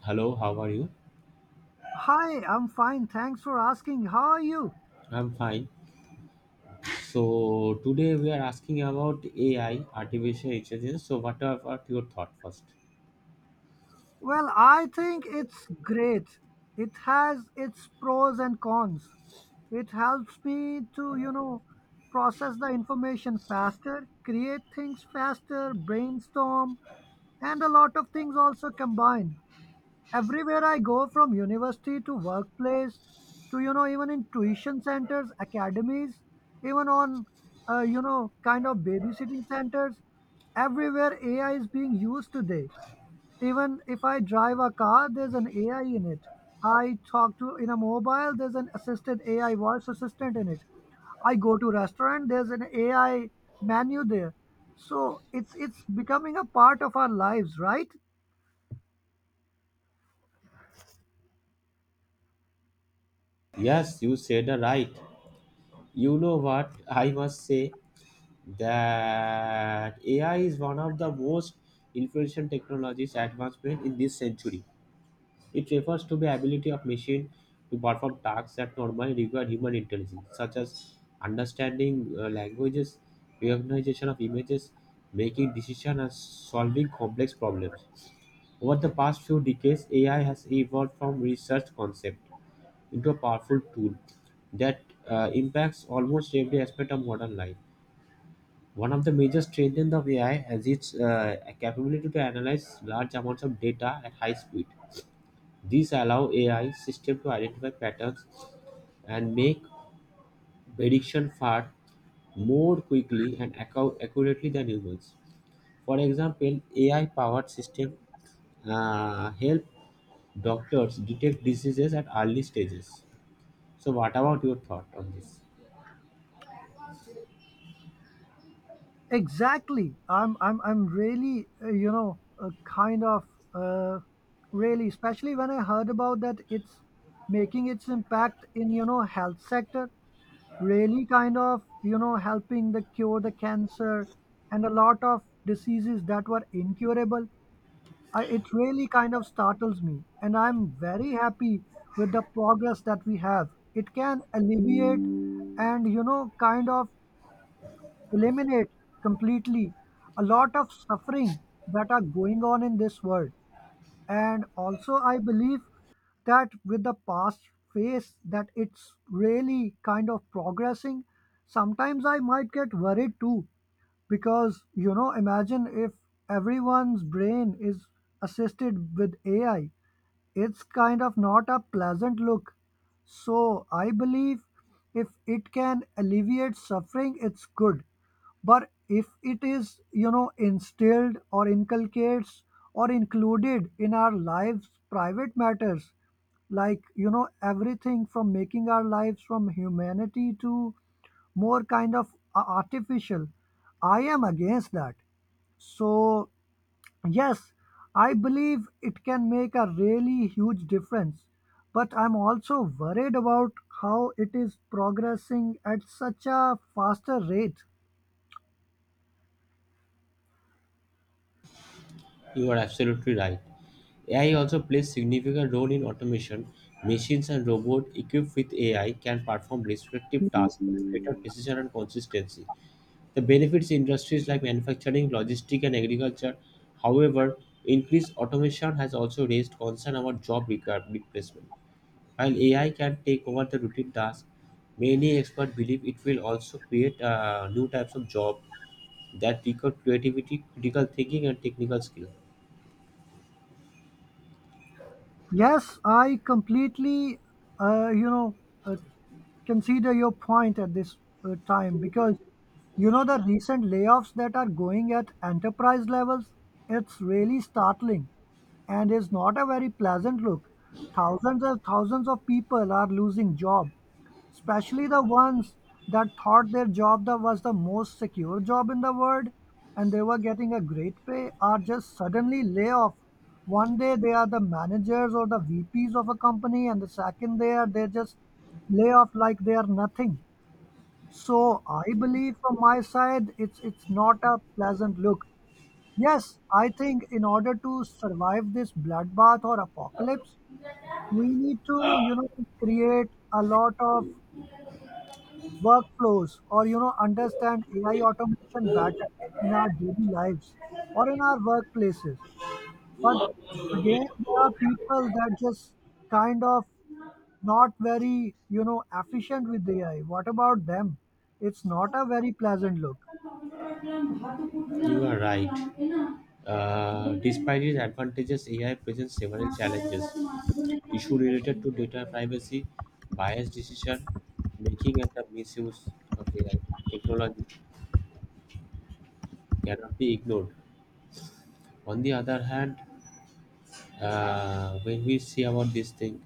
Hello, how are you? Hi, I'm fine. Thanks for asking. How are you? I'm fine. So today we are asking about AI, artificial intelligence. So what are, what your thought first? Well, I think it's great. It has its pros and cons. It helps me to, process the information faster, create things faster, brainstorm, and a lot of things also combine. Everywhere I go, from university to workplace to even in tuition centers, academies, even on kind of babysitting centers, everywhere AI is being used today. Even if I drive a car, there's an AI in it. I talk to in a mobile, there's an assisted AI voice assistant in it. I go to restaurant, there's an AI menu there. So it's becoming a part of our lives, right? Yes, you said right. You know what? I must say that AI is one of the most influential technologies advancement in this century. It refers to the ability of machine to perform tasks that normally require human intelligence, such as understanding languages, recognition of images, making decisions, and solving complex problems. Over the past few decades, AI has evolved from research concept into a powerful tool that impacts almost every aspect of modern life. One of the major strengths of AI is its capability to analyze large amounts of data at high speed. These allow AI systems to identify patterns and make prediction far more quickly and accurately than humans. For example, AI-powered systems help doctors detect diseases at early stages. So, what about your thought on this? Exactly. I'm really kind of uh, really, especially when I heard about that it's making its impact in health sector, really kind of helping the cure the cancer and a lot of diseases that were incurable. It really kind of startles me and I'm very happy with the progress that we have. It can alleviate and kind of eliminate completely a lot of suffering that are going on in this world. And also, I believe that with the past phase that it's really kind of progressing, sometimes I might get worried too, because imagine if everyone's brain is assisted with ai, it's kind of not a pleasant look. So I believe if it can alleviate suffering, it's good. But if it is, instilled or inculcates or included in our lives, private matters, like, everything from making our lives from humanity to more kind of artificial, I am against that. So yes, I believe it can make a really huge difference, but I'm also worried about how it is progressing at such a faster rate. You are absolutely right. AI also plays significant role in automation. Machines and robots equipped with AI can perform respective tasks with greater precision and consistency. The benefits industries like manufacturing, logistics, and agriculture. However, increased automation has also raised concern about replacement. While AI can take over the routine tasks, many experts believe it will also create new types of jobs that require creativity, critical thinking, and technical skills. Yes, I completely, uh, you know, uh, consider your point at this time, because the recent layoffs that are going at enterprise levels, it's really startling and is not a very pleasant look. Thousands and thousands of people are losing job, especially the ones that thought their was the most secure job in the world and they were getting a great pay, are just suddenly lay off. One day they are the managers or the vps of a company, and the second they just lay off like they are nothing. So I believe, from my side, it's not a pleasant look. Yes, I think in order to survive this bloodbath or apocalypse, we need to create a lot of workflows or understand AI automation better in our daily lives or in our workplaces. But again, there are people that just kind of not very efficient with AI. What about them? It's not a very pleasant look. You are right. Despite its advantages, AI presents several challenges. Issue related to data privacy, biased decision making, and the misuse of AI technology cannot be ignored. On the other hand, when we see about this thing,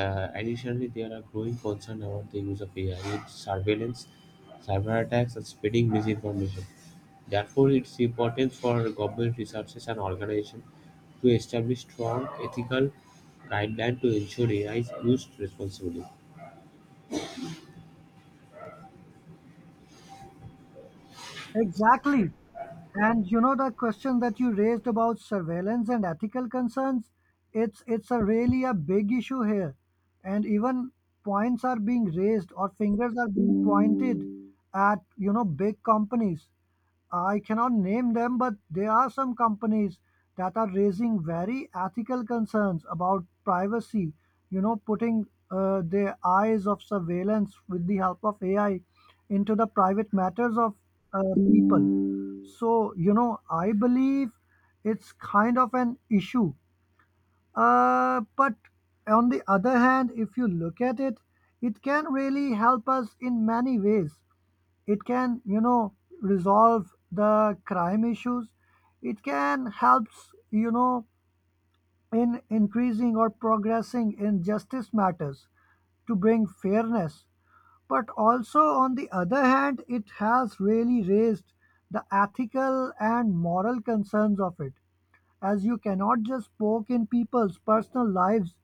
Additionally, there are growing concerns about the use of AI in surveillance, cyber attacks, and spreading misinformation. Therefore, it's important for government researchers and organizations to establish strong ethical guidelines to ensure AI is used responsibly. Exactly. And the question that you raised about surveillance and ethical concerns, it's a really a big issue here. And even points are being raised or fingers are being pointed at, big companies. I cannot name them, but there are some companies that are raising very ethical concerns about privacy. You know, putting their eyes of surveillance with the help of AI into the private matters of people. So, I believe it's kind of an issue. But on the other hand, if you look at it, it can really help us in many ways. It can resolve the crime issues. It can helps, in increasing or progressing in justice matters to bring fairness. But also on the other hand, it has really raised the ethical and moral concerns of it, as you cannot just poke in people's personal lives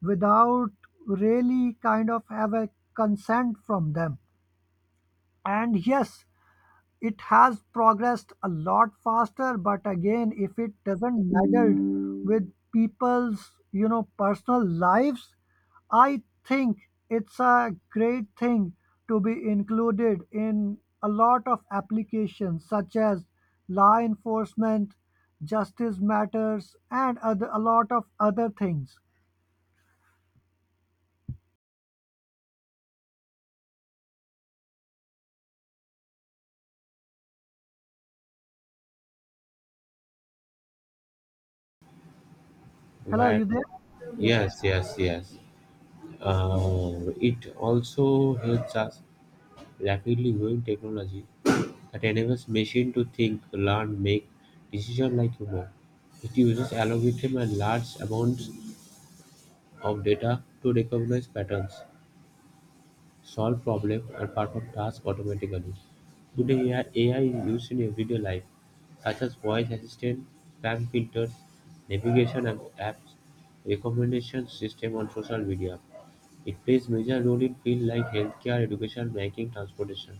without really kind of have a consent from them. And yes, it has progressed a lot faster, but again, if it doesn't meddle with people's, personal lives, I think it's a great thing to be included in a lot of applications such as law enforcement, justice matters, and other, a lot of other things. Hello, Where, you there? Yes, yes, yes, yes. Uh, it also helps us rapidly growing technology that enables machine to think, learn, make decisions like human. It uses algorithm and large amounts of data to recognize patterns, solve problems, and perform tasks automatically. Today, AI is used in everyday life, such as voice assistant, spam filters, navigation and apps, recommendation system on social media. It plays major role in fields like healthcare, education, banking, transportation.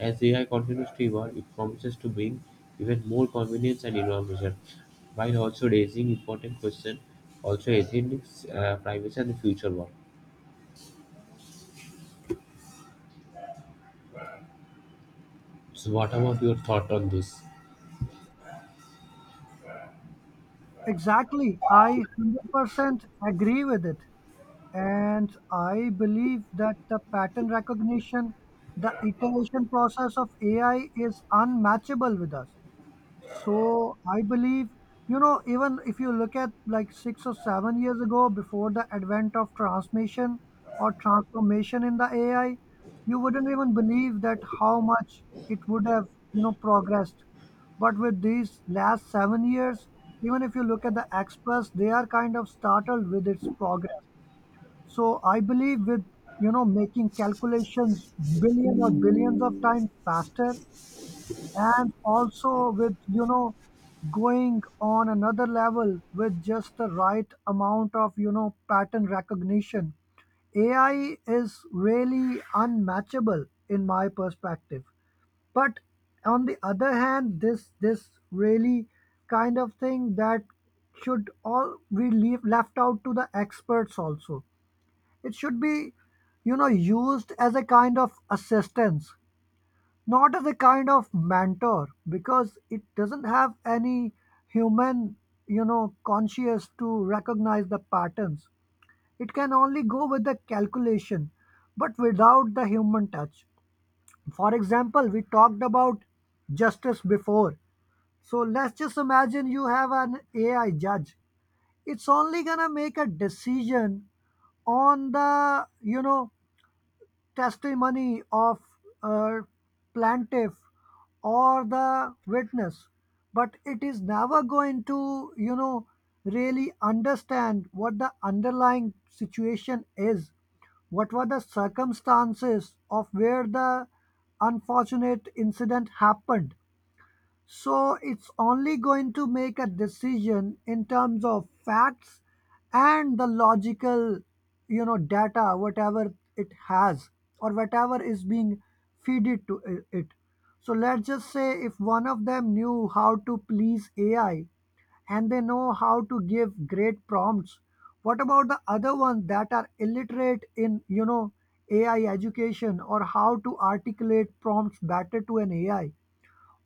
As AI continues to evolve, it promises to bring even more convenience and innovation, while also raising important questions, also ethics, privacy, and the future work. So, what about your thought on this? exactly. I 100% agree with it. And I believe that the pattern recognition, the iteration process of AI is unmatchable with us. So I believe, even if you look at like six or seven years ago, before the advent of transmission or transformation in the AI, you wouldn't even believe that how much it would have, progressed. But with these last seven years, even if you look at the experts, they are kind of startled with its progress. So I believe with making calculations billion or billions of times faster, and also with going on another level with just the right amount of pattern recognition, AI is really unmatchable in my perspective. But on the other hand, this really kind of thing that should all be left out to the experts. Also, it should be, used as a kind of assistance, not as a kind of mentor, because it doesn't have any human, conscious to recognize the patterns. It can only go with the calculation, but without the human touch. For example, we talked about justice before. So let's just imagine you have an AI judge. It's only gonna make a decision on the testimony of a plaintiff or the witness, but it is never going to really understand what the underlying situation is, what were the circumstances of where the unfortunate incident happened. So it's only going to make a decision in terms of facts and the logical, data, whatever it has or whatever is being feeded to it. So let's just say if one of them knew how to please AI and they know how to give great prompts, what about the other ones that are illiterate in, AI education or how to articulate prompts better to an AI?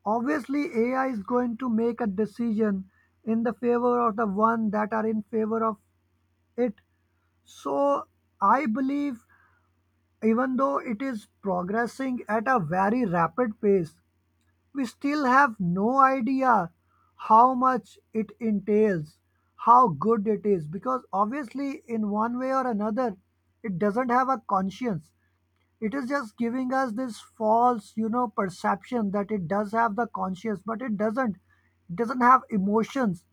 Obviously, AI is going to make a decision in the favor of the one that are in favor of it. So I believe even though it is progressing at a very rapid pace, we still have no idea how much it entails, how good it is, because obviously, in one way or another, it doesn't have a conscience. It is just giving us this false perception that it does have the conscience, but it doesn't. It doesn't have emotions.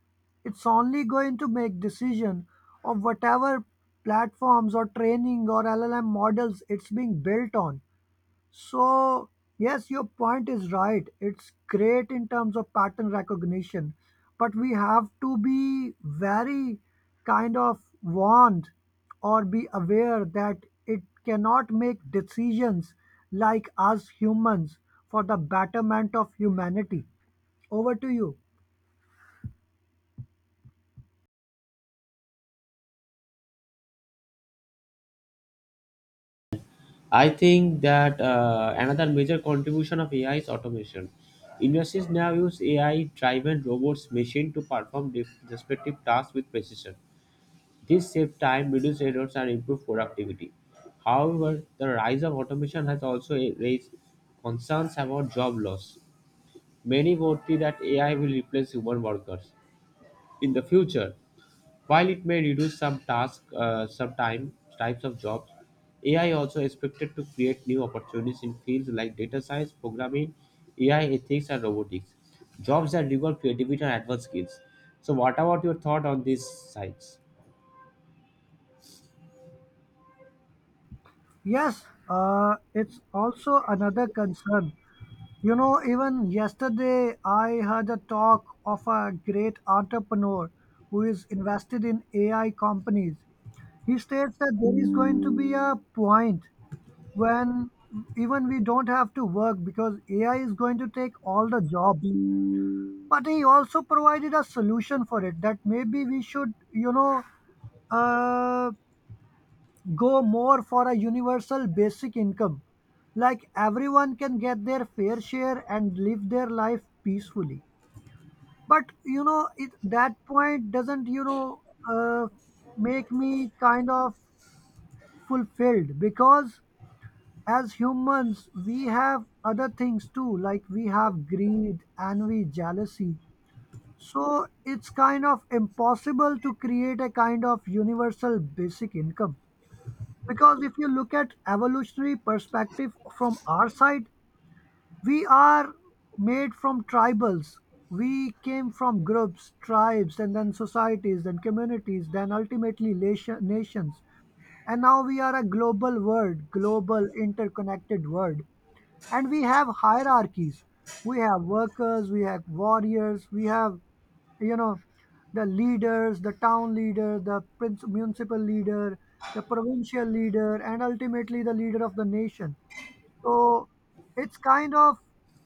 It's only going to make decision of whatever platforms or training or llm models it's being built on. So, yes, your point is right. It's great in terms of pattern recognition, but we have to be very kind of warned or be aware that it cannot make decisions like us humans for the betterment of humanity. Over to you. I think that another major contribution of AI is automation. Industries now use AI-driven robots, machine to perform respective tasks with precision. This saves time, reduces errors, and improves productivity. However, the rise of automation has also raised concerns about job loss. Many worry that AI will replace human workers in the future. While it may reduce some tasks, types of jobs, AI also expected to create new opportunities in fields like data science, programming, AI ethics, and robotics. Jobs that require creativity and advanced skills. So, what about your thought on these sides? Yes, it's also another concern. You know, even yesterday, I heard a talk of a great entrepreneur who is invested in AI companies. He states that there is going to be a point when even we don't have to work because AI is going to take all the jobs. But he also provided a solution for it, that maybe we should, uh, go more for a universal basic income. Like everyone can get their fair share and live their life peacefully. But you know it that point doesn't uh, make me kind of fulfilled, because as humans we have other things too. Like we have greed, envy, jealousy. So it's kind of impossible to create a kind of universal basic income, because if you look at evolutionary perspective from our side, we are made from tribals. We came from groups, tribes, and then societies, then communities, then ultimately nations. And now we are a global world, global interconnected world, and we have hierarchies. We have workers, we have warriors, we have you know the leaders, the town leader, the prince, municipal leader, the provincial leader, and ultimately the leader of the nation. So it's kind of,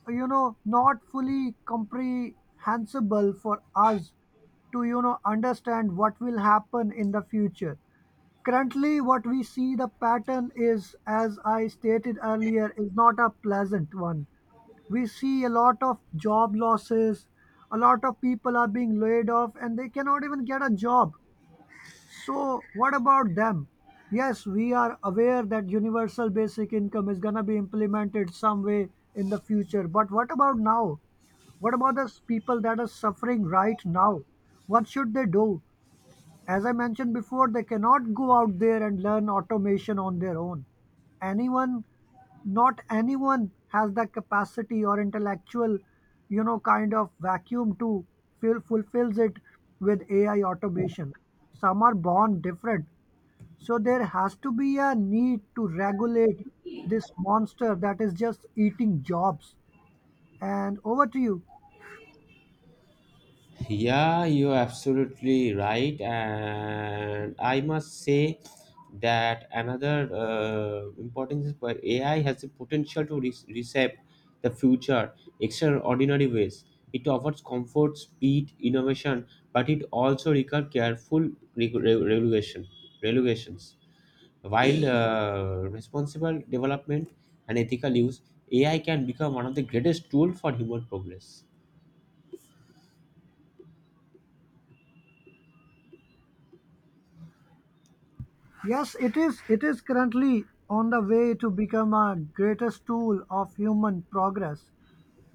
not fully comprehensible for us to, understand what will happen in the future. Currently, what we see the pattern is, as I stated earlier, is not a pleasant one. We see a lot of job losses, a lot of people are being laid off, and they cannot even get a job. So what about them? Yes, we are aware that universal basic income is going to be implemented some way in the future. But what about now? What about the people that are suffering right now? What should they do? As I mentioned before, they cannot go out there and learn automation on their own. Anyone, not anyone has that capacity or intellectual, kind of vacuum to fulfills it with AI automation. Some are born different. So there has to be a need to regulate this monster that is just eating jobs. And over to you. Yeah, you're absolutely right. And I must say that another importance is where AI has the potential to reshape the future extraordinary ways. It offers comfort, speed, innovation, but it also requires careful regulation, regulations. While responsible development and ethical use, AI can become one of the greatest tools for human progress. Yes, it is. It is currently on the way to become a greatest tool of human progress.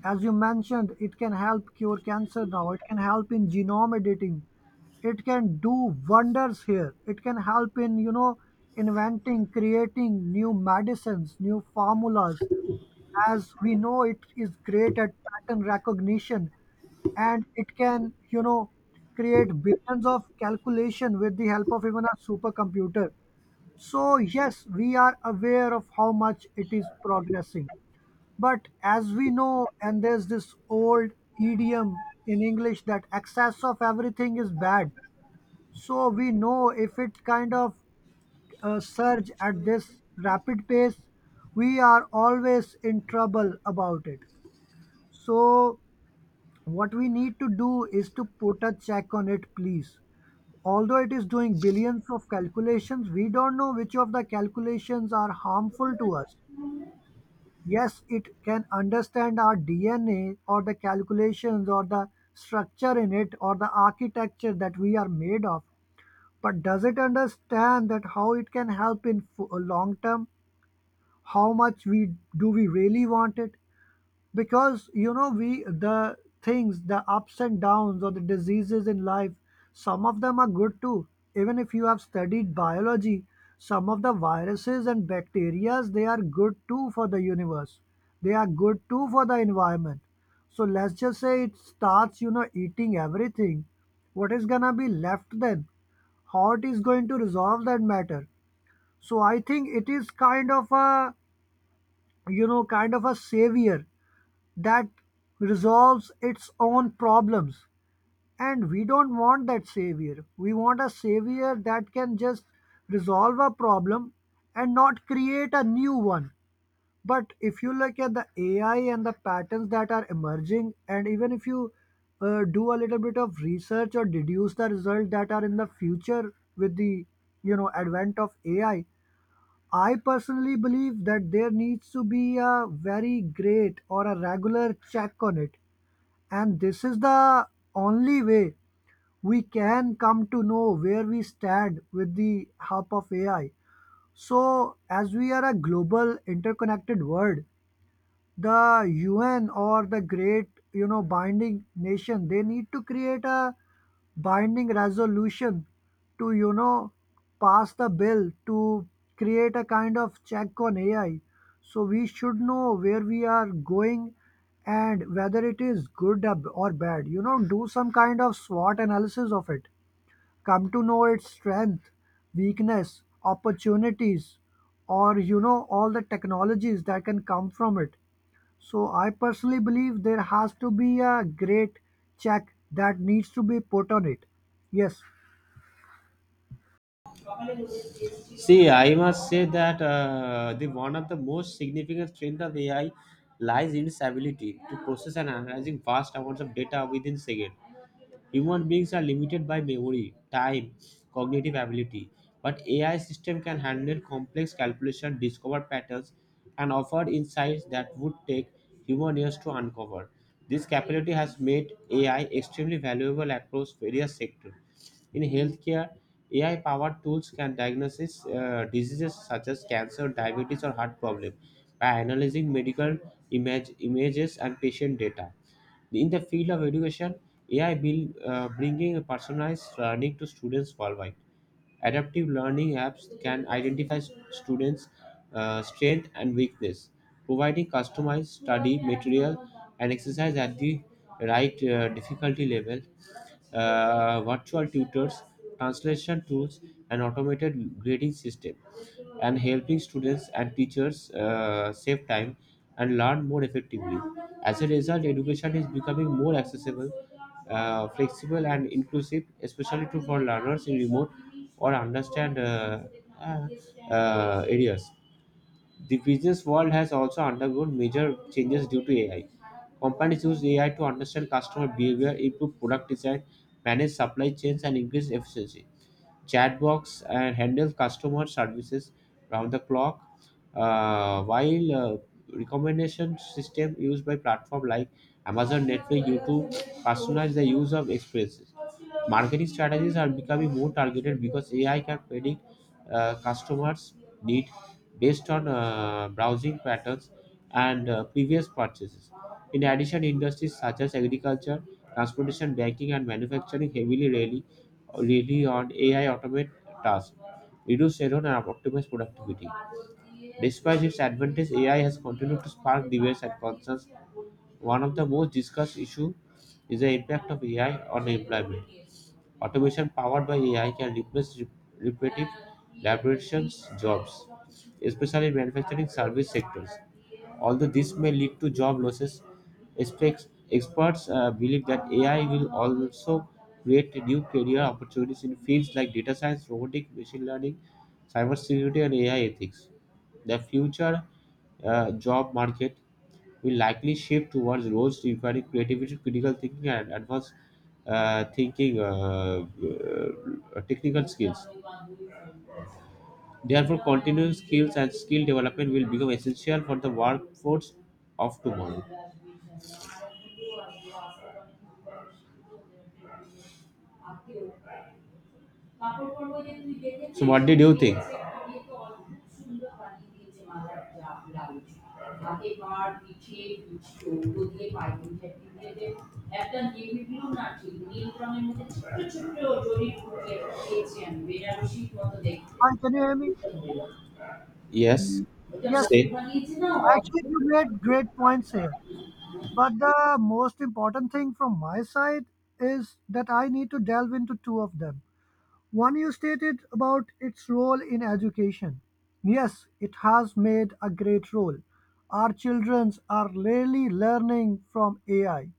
As you mentioned, it can help cure cancer now. It can help in genome editing. It can do wonders here. It can help in, you know, inventing, creating new medicines, new formulas. As we know, it is great at pattern recognition and it can, you know, create billions of calculation with the help of even a supercomputer. So, yes, we are aware of how much it is progressing. But as we know, and there's this old idiom in English that excess of everything is bad. So, we know if it kind of surge at this rapid pace, we are always in trouble about it. So, what we need to do is to put a check on it, please. Although it is doing billions of calculations, we don't know which of the calculations are harmful to us. Yes, it can understand our DNA or the calculations or the structure in it or the architecture that we are made of. But does it understand that how it can help in long term? How much we do we really want it? Because you know, we, the things, the ups and downs or the diseases in life, some of them are good too. Even if you have studied biology, some of the viruses and bacteria, they are good too for the universe, they are good too for the environment. So let's just say it starts, you know, eating everything. What is gonna be left then? How it is going to resolve that matter? So I think it is kind of a, you know, kind of a savior that resolves its own problems. And we don't want that savior. We want a savior that can just resolve a problem and not create a new one. But if you look at the AI and the patterns that are emerging, and even if you do a little bit of research or deduce the results that are in the future with the, you know, advent of AI, I personally believe that there needs to be a very great or a regular check on it, and this is the only way we can come to know where we stand with the help of AI. So, as we are a global interconnected world, the UN or the great, you know, binding nation, they need to create a binding resolution to, you know, pass the bill to create a kind of check on AI. So we should know where we are going and whether it is good or bad. You know, do some kind of SWOT analysis of it. Come to know its strength, weakness, opportunities, or you know, all the technologies that can come from it. So I personally believe there has to be a great check that needs to be put on it. Yes. See, I must say that the one of the most significant strength of AI lies in its ability to process and analyzing vast amounts of data within second. Human beings are limited by memory, time, cognitive ability, but AI system can handle complex calculation, discover patterns, and offer insights that would take human years to uncover. This capability has made AI extremely valuable across various sectors. In healthcare, AI-powered tools can diagnose diseases such as cancer, diabetes, or heart problems by analyzing images and patient data. In the field of education, AI will bringing personalized learning to students worldwide. Adaptive learning apps can identify students' strength and weakness, providing customized study material and exercise at the right difficulty level. Virtual tutors, translation tools, and automated grading system, and helping students and teachers save time and learn more effectively. As a result, education is becoming more accessible, flexible, and inclusive, especially true for learners in remote or understand uh, areas. The business world has also undergone major changes due to AI. Companies use AI to understand customer behavior, improve product design, manage supply chains, and increase efficiency chatbots and handle customer services round the clock while recommendation system used by platform like amazon netflix youtube personalize the use of experiences. Marketing strategies are becoming more targeted because AI can predict customers' need based on browsing patterns and previous purchases. In addition, industries such as agriculture, transportation, banking, and manufacturing rely on AI automate tasks, reduce error, and optimize productivity. Despite its advantage, AI has continued to spark debates and concerns. One of the most discussed issues is the impact of AI on employment. Automation powered by AI can replace repetitive laboration jobs, especially in manufacturing service sectors. Although this may lead to job losses, experts believe that AI will also create new career opportunities in fields like data science, robotics, machine learning, cybersecurity, and AI ethics. The future job market will likely shift towards roles requiring creativity, critical thinking, and advanced thinking technical skills. Therefore, continuing skills and skill development will become essential for the workforce off tomorrow. So what did you think? Hi, can you hear me? Yes, Yes. say. Actually, you made great points here. But the most important thing from my side is that I need to delve into two of them. One, you stated about its role in education. Yes, it has made a great role. Our children are really learning from AI.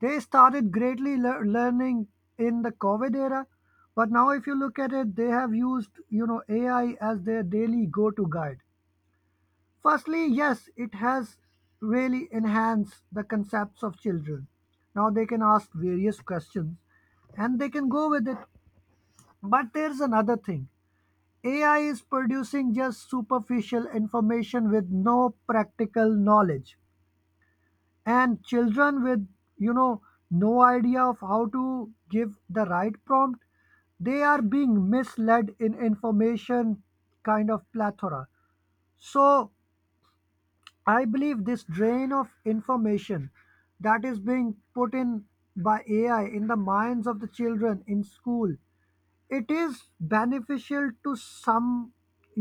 They started greatly learning in the COVID era, but now if you look at it, they have used, you know, AI as their daily go-to guide. Firstly, yes, it has really enhanced the concepts of children. Now they can ask various questions and they can go with it. But there's another thing. AI is producing just superficial information with no practical knowledge, and children with, you know, no idea of how to give the right prompt, they are being misled in information kind of plethora. So I believe this drain of information that is being put in by AI in the minds of the children in school, it is beneficial to some,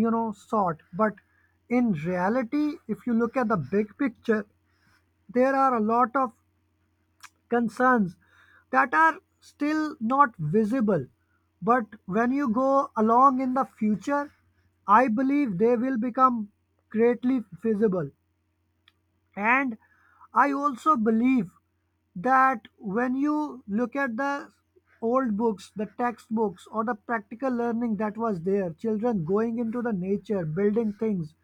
you know, sort, but in reality, if you look at the big picture, there are a lot of concerns that are still not visible. But when you go along in the future, I believe they will become greatly visible. And I also believe that when you look at the old books, the textbooks, or the practical learning that was there, children going into the nature, building things,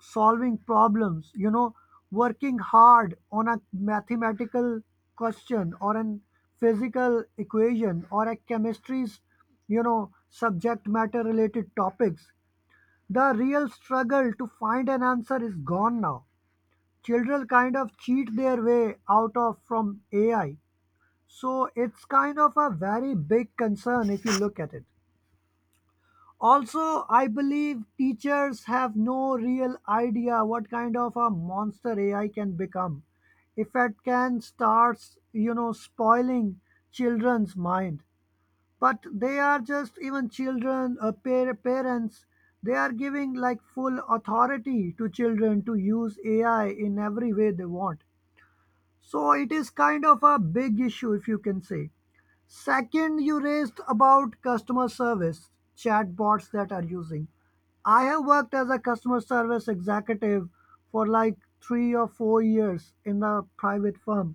solving problems, you know, working hard on a mathematical question or an physical equation or a chemistry's, you know, subject matter related topics. The real struggle to find an answer is gone now. Children kind of cheat their way out of from AI. So it's kind of a very big concern if you look at it. Also, I believe teachers have no real idea what kind of a monster AI can become if it can start, you know, spoiling children's mind. But they are just even children, parents, they are giving like full authority to children to use AI in every way they want. So it is kind of a big issue, if you can say. Second, you raised about customer service chatbots that are using. I have worked as a customer service executive for like 3 or 4 years in a private firm.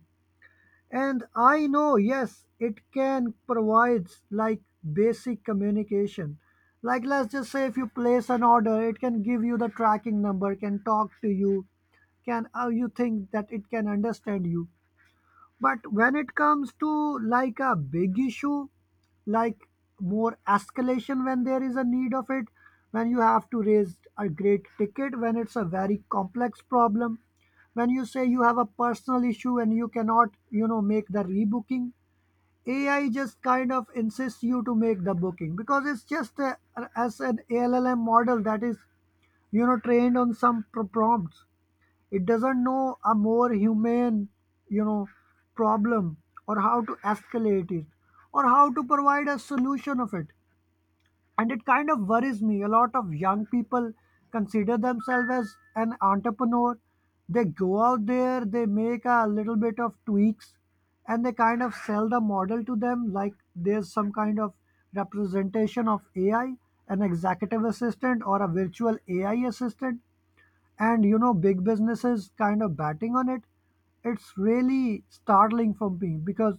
And I know, yes, it can provide like basic communication. Like, let's just say if you place an order, it can give you the tracking number, can talk to you, can you think that it can understand you. But when it comes to like a big issue, like more escalation when there is a need of it, when you have to raise a great ticket, when it's a very complex problem, when you say you have a personal issue and you cannot, you know, make the rebooking, AI just kind of insists you to make the booking because it's just a, as an LLM model that is, you know, trained on some prompts, it doesn't know a more humane, you know, problem or how to escalate it or how to provide a solution of it. And it kind of worries me, a lot of young people consider themselves as an entrepreneur, they go out there, they make a little bit of tweaks, and they kind of sell the model to them like there's some kind of representation of AI, an executive assistant or a virtual AI assistant. And you know, big businesses kind of batting on it. It's really startling for me because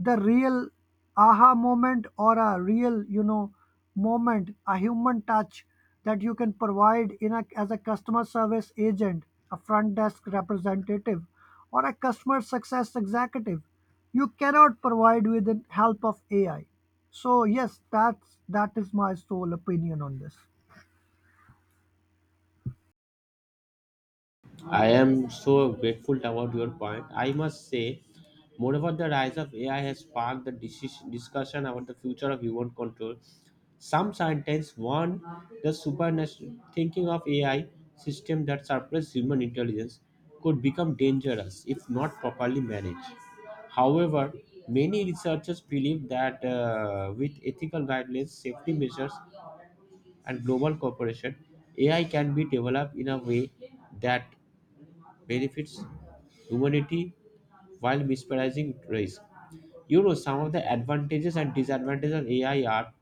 the real aha moment or a real, you know, moment, a human touch that you can provide in a as a customer service agent, a front desk representative, or a customer success executive, you cannot provide with the help of AI. So yes, that is my sole opinion on this. I am so grateful about your point. I must say, moreover, the rise of AI has sparked the discussion about the future of human control. Some scientists warn the supernatural thinking of AI system that surpass human intelligence could become dangerous if not properly managed. However, many researchers believe that with ethical guidelines, safety measures, and global cooperation, AI can be developed in a way that benefits humanity while minimizing risk. You know, some of the advantages and disadvantages of AI are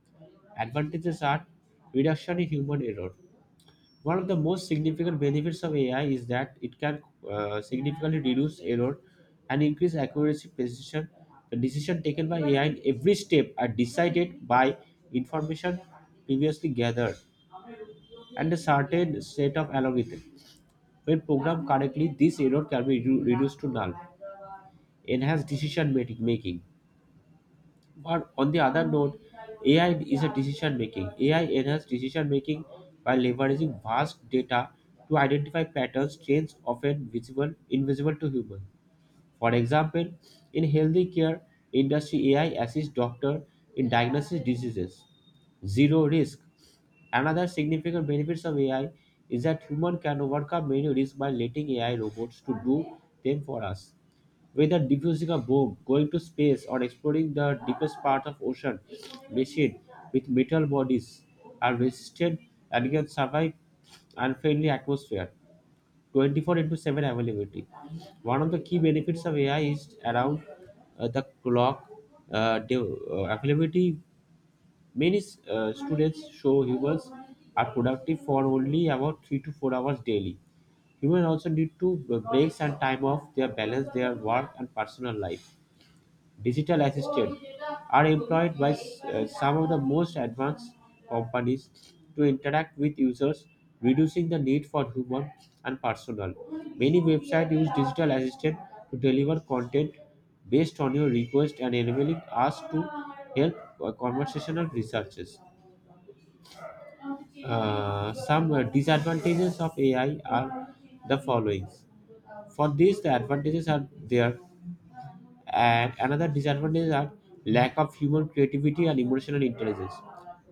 advantages are reduction in human error. One of the most significant benefits of AI is that it can significantly reduce error and increase accuracy, precision. The decision taken by AI in every step are decided by information previously gathered and a certain set of algorithms. When programmed correctly, this error can be reduced to null, enhance decision making. But on the other note, AI is a decision making. AI enhances decision making by leveraging vast data to identify patterns, trends often visible, invisible to humans. For example, in healthy care industry, AI assists doctor in diagnosis diseases, zero risk. Another significant benefits of AI is that human can overcome many risks by letting AI robots to do them for us. Whether defusing a bomb, going to space, or exploring the deepest part of ocean, machine with metal bodies are resistant and can survive unfriendly atmosphere 24 into 7 availability. One of the key benefits of AI is around the clock availability. Many students show humans are productive for only about 3 to 4 hours daily. Humans also need to breaks and time off their balance their work and personal life. Digital assistants are employed by some of the most advanced companies to interact with users, reducing the need for human and personal. Many websites use digital assistant to deliver content based on your request and enabling us to help conversational researchers. Some disadvantages of AI are the following. For this, the advantages are there, and another disadvantage are lack of human creativity and emotional intelligence,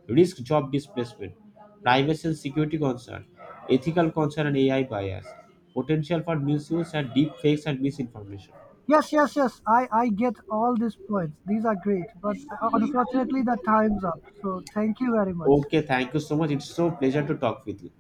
risk job displacement, privacy and security concern, ethical concern and AI bias, potential for misuse and deep fakes and misinformation. Yes, yes, yes. I get all these points. These are great. But unfortunately, the time's up. So thank you very much. Okay, thank you so much. It's so pleasure to talk with you.